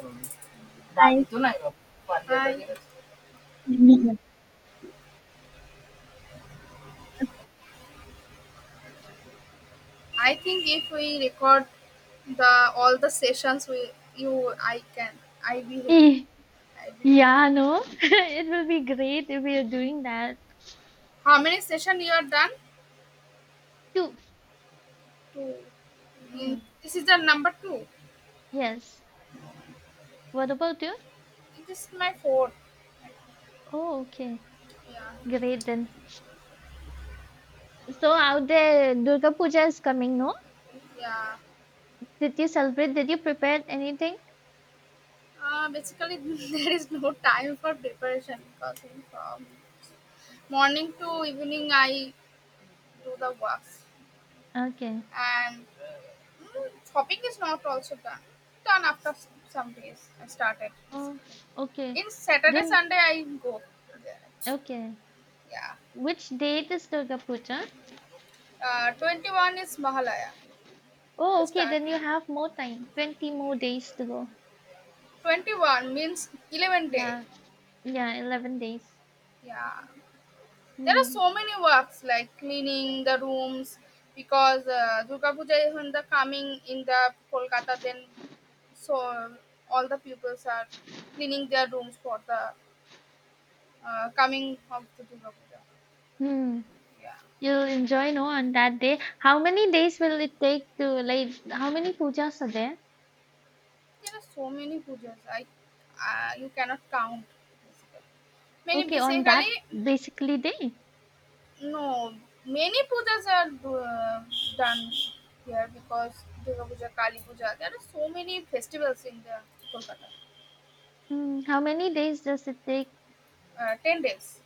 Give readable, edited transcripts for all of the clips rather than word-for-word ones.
And I. I think if we record the all the sessions, we you I can I be heavy. Eh, I be heavy. Yeah, no, it will be great if we are doing that How many session you are done? too. Two. Hmm, This is the number two. yes. What about you? It is my fourth. Oh, okay. Yeah, Great then. So out there, Durga Puja is coming, no? yeah. Did you celebrate? Did you prepare anything? Basically, there is no time for preparation because in from morning to evening I do the work. Okay. And hopping is not also done after some days I started Oh, basically. okay. In Saturday, Then, Sunday, I go there. okay. Yeah. Which date is Durga Puja? 21 is Mahalaya Oh, the okay. Then you starting. have more time. 20 more days to go. 21 means 11 day. Yeah. Yeah, 11 days. Yeah. There are Hmm. so many works like cleaning the rooms because Durga Puja is in the coming in the Kolkata then. So all the pupils are cleaning their rooms for the coming of the Durga Puja. Hmm. Yeah, You'll enjoy no on that day. How many days will it take to like how many pujas are there? there are so many pujas. I you cannot count. Basically, many Okay, on that basically basically day. no many pujas are done here because Durga Puja, Kali Puja. There are so many festivals in the Kolkata. Hmm, how many days does it take? 10 days.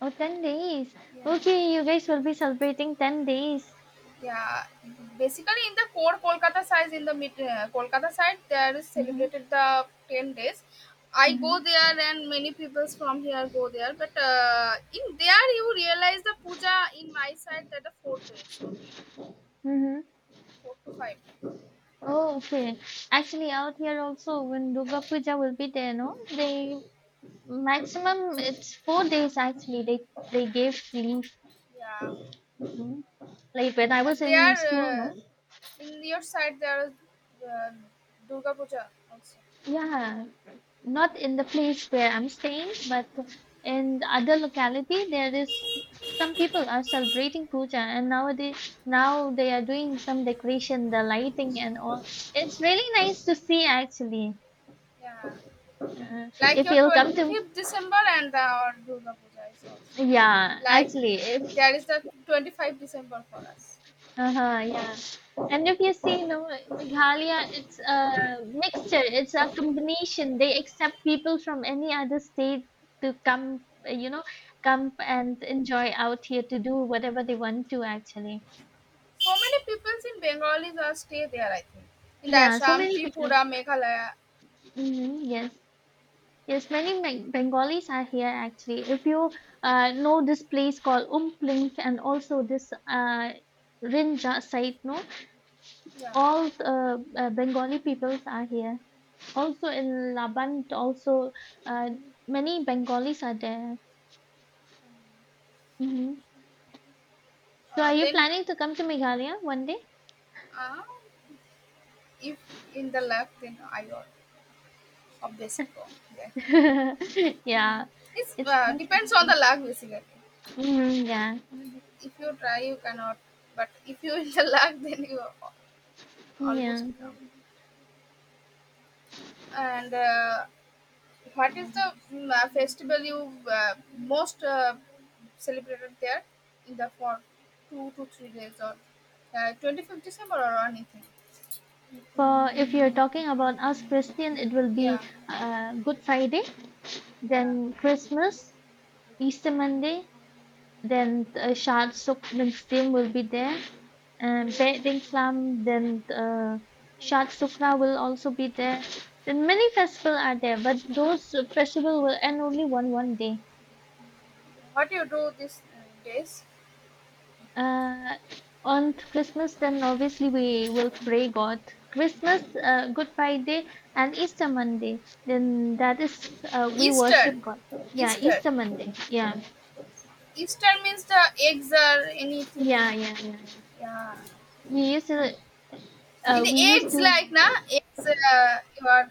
Oh, 10 days. Yeah. Okay, you guys will be celebrating 10 days. Yeah, basically in the core Kolkata side, in the mid Kolkata side, there is Mm-hmm. celebrated the 10 days. I go Mm-hmm. there, and many people from here go there. But in there, you realize the puja in my side that the 4 days only, Mm-hmm. 4 to 5 days. Oh, okay. Actually, out here also, when Durga Puja will be there, no? They maximum it's 4 days actually. They gave leave. Yeah, Mhm. Like when I and was in there school, no? In your side there is uh, Durga Puja also. Yeah, not in the place where I'm staying, but in the other locality, there is some people are celebrating puja, and nowadays now they are doing some decoration, the lighting and all. It's really nice to see actually. Yeah, Uh, like if your you'll come to, 25th December. And the Durga Puja is also yeah, like actually, if there is the 25th December for us. uh-huh, yeah. And if you see, no, Meghalaya, it's a mixture, it's a combination. They accept people from any other state to come, you know, come and enjoy out here to do whatever they want to actually. So many peoples in Bengalis are stay there, I think, in the Yeah, so Assam, many people. Tripura, Meghalaya. Hmm, yes. Yes, many Bengalis are here actually. If you know this place called Umplink and also this Rinja site, no, Yeah. all Bengali peoples are here. Also in Laban, also uh, many Bengalis are there. Hmm. So uh, are you then planning to come to Meghalaya one day? uh, if in the luck then I will obviously go there. Yeah, It it's nice depends on the actually. luck basically. Mhm, yeah, Mhm. If you try you cannot, but if you in the luck then you are almost yeah. come. And what is the festival you most celebrated there in the for 2 to 3 days or 25th December or anything? For if you're talking about us Christian, it will Yeah, be Good Friday, yeah. then Christmas, Easter Monday, then Shad Suk Wednesday will be there. And Wedding Plum, then Shad Sukna will also be there. Then many festivals are there, but those festival will end only one day. What do you do these days? Uh, on Christmas, then obviously we will pray God. Christmas, Good Friday, and Easter Monday. Then that is we Easter, worship God. Yeah, Easter. Easter Monday. Yeah, Easter means the eggs or yeah, anything. yeah, yeah. Yeah. Yeah. We used to In the we used eggs, to like, na, eggs, you are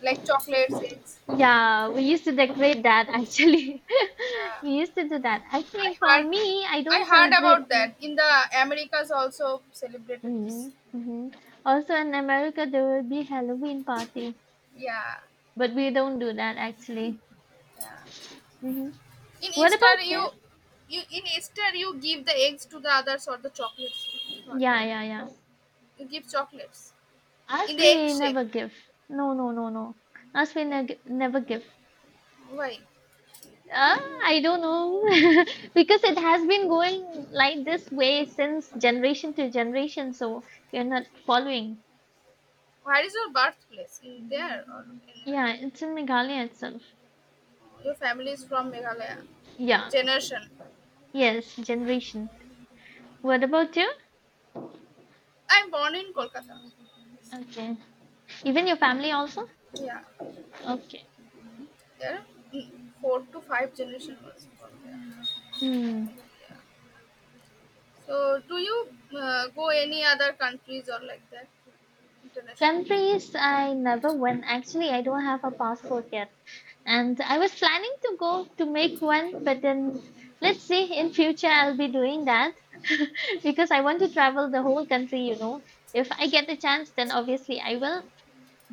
like chocolates, eggs. Yeah, we used to decorate that actually. Yeah. We used to do that. I I think for heard me, I I don't heard celebrate. about that. In the Americas also celebrated this. Mm-hmm. Hmm. Also in America, there will be Halloween party, Yeah. but we don't do that actually. Yeah. Hmm. In What Easter about this? you give the eggs to the others or the chocolates. You give not. Yeah, yeah, yeah. You give chocolates. In Us, the egg we shape. never give. No, no, no, no. Us, we Like, neg never give. why? Uh, I don't know because it has been going like this way since generation to generation, so we're not following. Where is your birthplace? In there or anywhere? Yeah, it's in Meghalaya itself. Your family is from Meghalaya. Yeah. Generation. Yes, generation. What about you? I'm born in Kolkata. Okay. Even your family also? Yeah. Okay. There are four to five generation was born there. Hmm. Yeah. So, do you go any other countries or like that internationally? Countries I never went. Actually, I don't have a passport yet. And I was planning to go to make one, but then let's see in future I'll be doing that because I want to travel the whole country. If I get the chance, then obviously I will.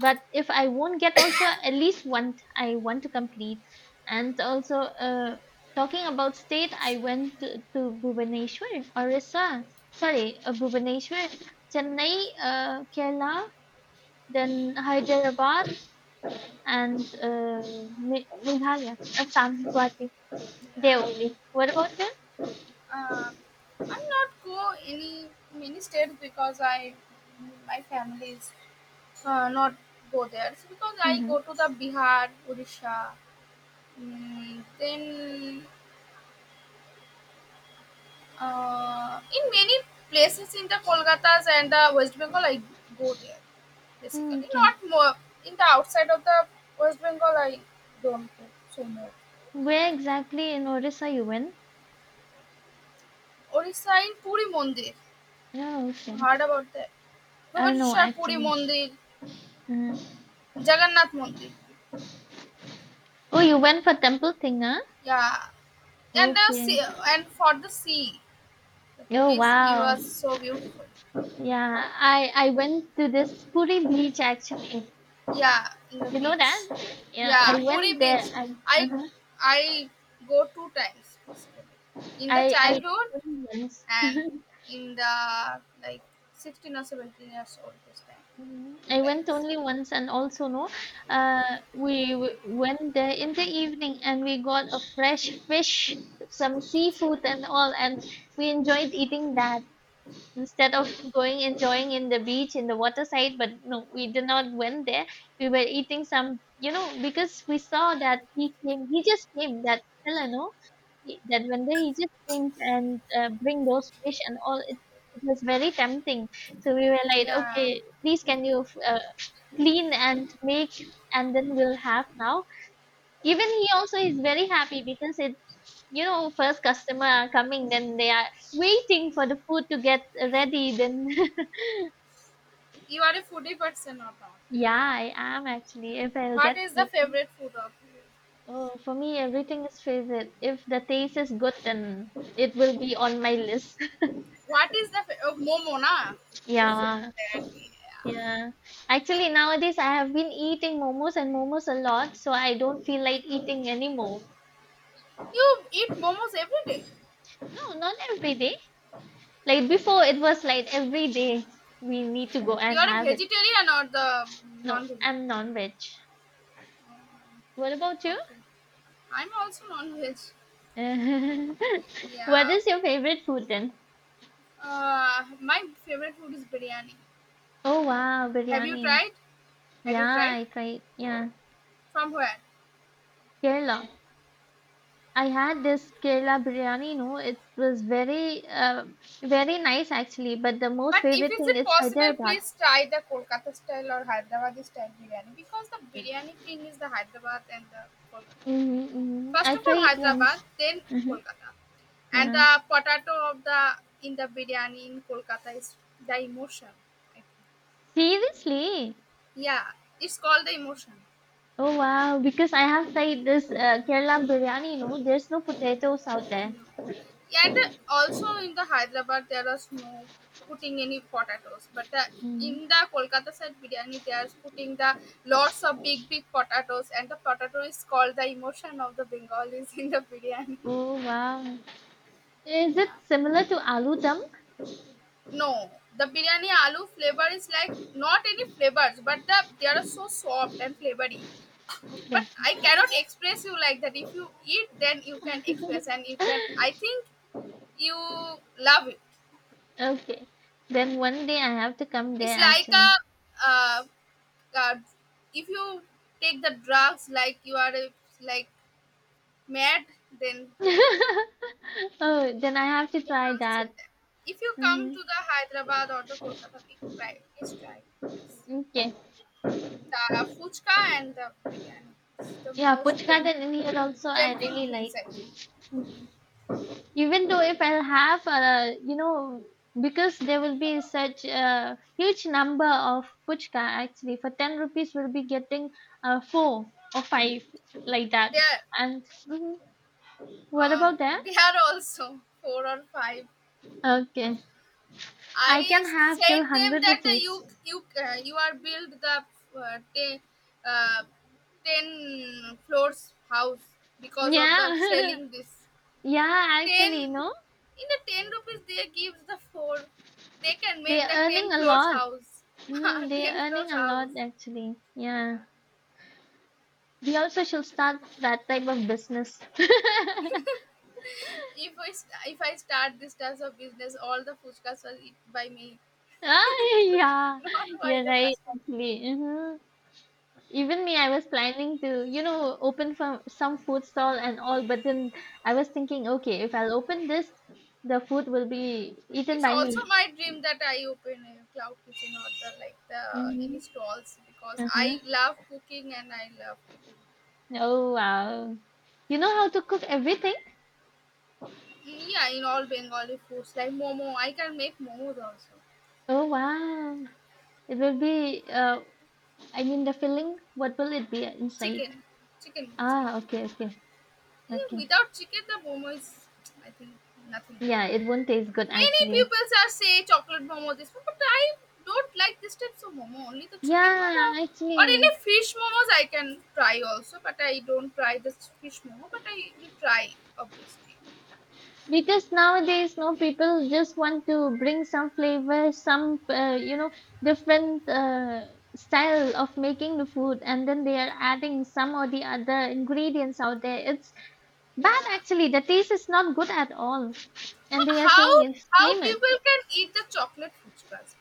But if I won't get also, at least one I want to complete. And also talking about state, I went to Bhubaneswar, Orissa. Sorry, Bhubaneswar, Chennai, Kerala, then Hyderabad, and uh, Meghalaya, Assam, Guwahati. They Yeah, only. What about them? uh, I'm not go any many states because I my family is not go there. So because I Mm-hmm. go to the Bihar, Odisha, then in many places in the Kolkata's and the West Bengal, I go there basically. Okay, Not more in the outside of the West Bengal, I don't go so much. where exactly in Orissa you went? ওড়িশায় Puri Mandir. No, okay. Heard about that. No, Bhubaneswar Puri actually. Mandir, Mm. Jagannath Mandir. Oh, you went for temple thing, huh? Yeah. And the Okay. sea, and for the sea, the Oh Puri sea wow. was so beautiful. Yeah, I went to this Puri beach actually. Yeah, in the You know beach. that? Yeah, Yeah, I Puri went there. beach. I I uh I go 2 times basically. In the I I childhood went only once. and in the like 16 or 17 years old this time. Two I went times. only once, and also no, we went there in the evening, and we got a fresh fish, some seafood, and all, and we enjoyed eating that. Instead Yeah. of going enjoying in the beach in the water side, but no, we did not went there. We were eating some because we saw that he just came. That seller, no, that vendor, he just came and bring those fish and all. It was very tempting, so we were like, Yeah. okay, please can you clean and make, and then we'll have now. Even he also is very happy because it first customer are coming, then they are waiting for the food to get ready. Then You are a foodie person or not? yeah I am actually if I'll What get is the food. favorite food of you? Oh, for me everything is favorite if the taste is good, then it will be on my list. What is the oh, momo na? To say Yeah, that, yeah. yeah, actually nowadays I have been eating momos and momos a lot, so I don't feel like eating anymore. You eat momos every day. No, not every day. Like before it was like every day we need to go You and are a have it. vegetarian or the No, non-vegetarian? I'm non-veg. What about you? Okay, I'm also non-veg. What Yeah. is your favorite food then? My favorite food is biryani. Oh wow, Have you biryani. tried? Had Yeah, you tried? I tried. Yeah, From where? Kerala. I had this Kerala biryani. No, it was very, very nice actually. But the most But if favorite is thing it is possible, Hyderabad. please try the Kolkata style or Hyderabad style biryani because the biryani king is the Hyderabad and the Kolkata. I think. Mm-hmm, mm-hmm. First I of all, tried Hyderabad, once. then Hmm. Kolkata, and Yeah. the potato of the in the biryani in Kolkata is the emotion. I think. Seriously? Yeah, it's called the emotion. Oh wow! Because I have tried this Kerala biryani. No, there's no potatoes out there. Yeah, and also in the Hyderabad, there is no putting any potatoes, but the, Hmm. in the Kolkata side biryani, they are putting the lots of big big potatoes, and the potato is called the emotion of the Bengalis in the biryani. Oh wow! Is Yeah. it similar to aloo dum? No, the biryani aloo flavor is like not any flavors, but they are so soft and flavory. But I cannot express you like that. If you eat, then you can express, and you can. I think you love it. Okay. Then one day I have to come It's there like a actually. uh, uh, if you take the drugs like you are like mad then like that. Oh, then I have to It try must say that. that if you come Hmm. to the Hyderabad or the Kolkata, please try, please try. Yes, Okay. the fuchka and the biryani, this is the Yeah, most Puch Garden in here also I tempting really things I like. think. Even though if I'll have because there will be such a huge number of puchka actually. For 10 rupees we'll be getting four or five like They that. are And mhm, what um, about that? they are also four or five. Okay. I I can have till said them 100 that the rupees. you are build the uh, ten, uh, 10 floors house because of the Yeah. selling this. Yeah, Ten actually, no, in the 10 rupees they give the four. They can make they're the ten earning a floors lot. house. Mm, they're ten earning floors a lot, house. actually. Yeah. Yeah. We also should start that type of business. If I start this type of business all the food will eat by me. Ah, yeah, Not by you're the right, customer. actually. Hmm. Even me, I was planning to, open from some food stall and all, but then I was thinking, okay, if I'll open this, the food will be eaten It's by also me. my dream that I open a cloud kitchen or the like the any Mm-hmm. stalls because Uh-huh. I love cooking and I love eating. Oh, wow. You know how to cook everything? Mm, yeah, in all Bengali foods like momo, I can make momos also. Oh, wow. It will be, I mean, the filling, what will it be inside? Chicken, chicken. Ah, okay, okay, Yeah, okay. without chicken, the momo is I think nothing. Yeah, it won't taste good Many actually. people are say chocolate momo this one, but I don't like this types of momo. Only the chicken momo Yeah, or any actually, fish momos I can try also, but I don't try this fish momo. But I will try obviously. because nowadays, no people just want to bring some flavor, some, different style of making the food, and then they are adding some or the other ingredients out there. It's bad Yeah. actually. The taste is not good at all, and they are saying How it's how famous. people can eat the chocolate fuchkas?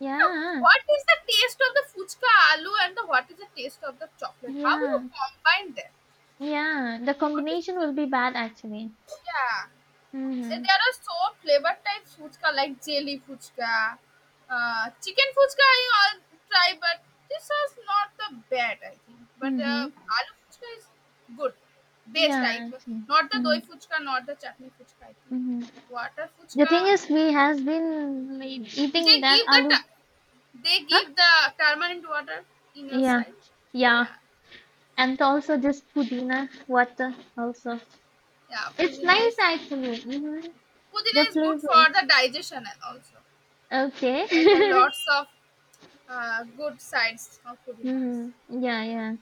Yeah, What is the taste of the fuchka aloo and the what is the taste of the chocolate? How you yeah. combine them? Yeah, the What is combination the, will be bad actually. yeah? There Mhm. there are so flavor type fuchka like jelly fuchka, chicken fuchka. I all try, but this is not the bad I think. But Mhm. aloo fuchka is good, best I Yeah, actually. not the doi Mhm. fuchka, not the chutney fuchka. I think Mhm. water The fuchka. thing is, we has been like, eating They that give the aloo. ta- they Huh? give the permanent water in your Yeah. side. Yeah. Yeah, And also this pudina water also. yeah. It's Pudina nice is actually. Mhm. The pudina is good for flavors. the digestion and also Okay. there's a lots of good sides of pudinas. Mhm. Yeah. Yeah.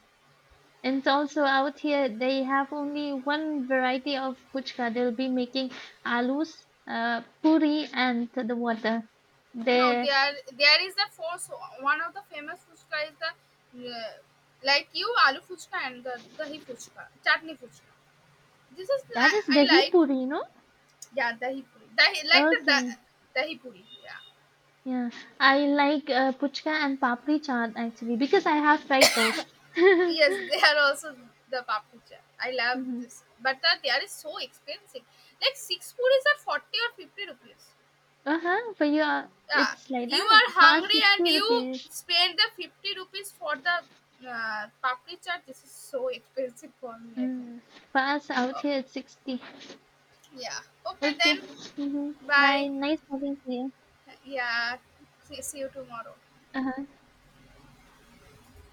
And also out here, they have only one variety of puchka. They'll be making alus, puri, and the water. No, They there is a force. One of the famous fuchka is the like you aloo fuchka and the dahi fuchka, chutney fuchka. This is that is I dahi like. puri. Yeah, dahi puri. Dahi like the Okay, dahi puri. Yeah. yeah. I like puchka and papri chaat actually because I have fried those. Hmm. Yes, they are also the papucha. I love this, but that they are so expensive. Like six puris are 40 or 50 rupees. Uh-huh. For you, Yeah, it's like you that. are For us, hungry and 60 you rupees. spend the 50 rupees for the papri chaat. This is so expensive for me, I think. Mm. For us out Oh, here, it's 60. yeah. Okay, Okay. then. Hmm. Bye. Bye. Nice talking to you. Yeah. See you tomorrow. Uh-huh.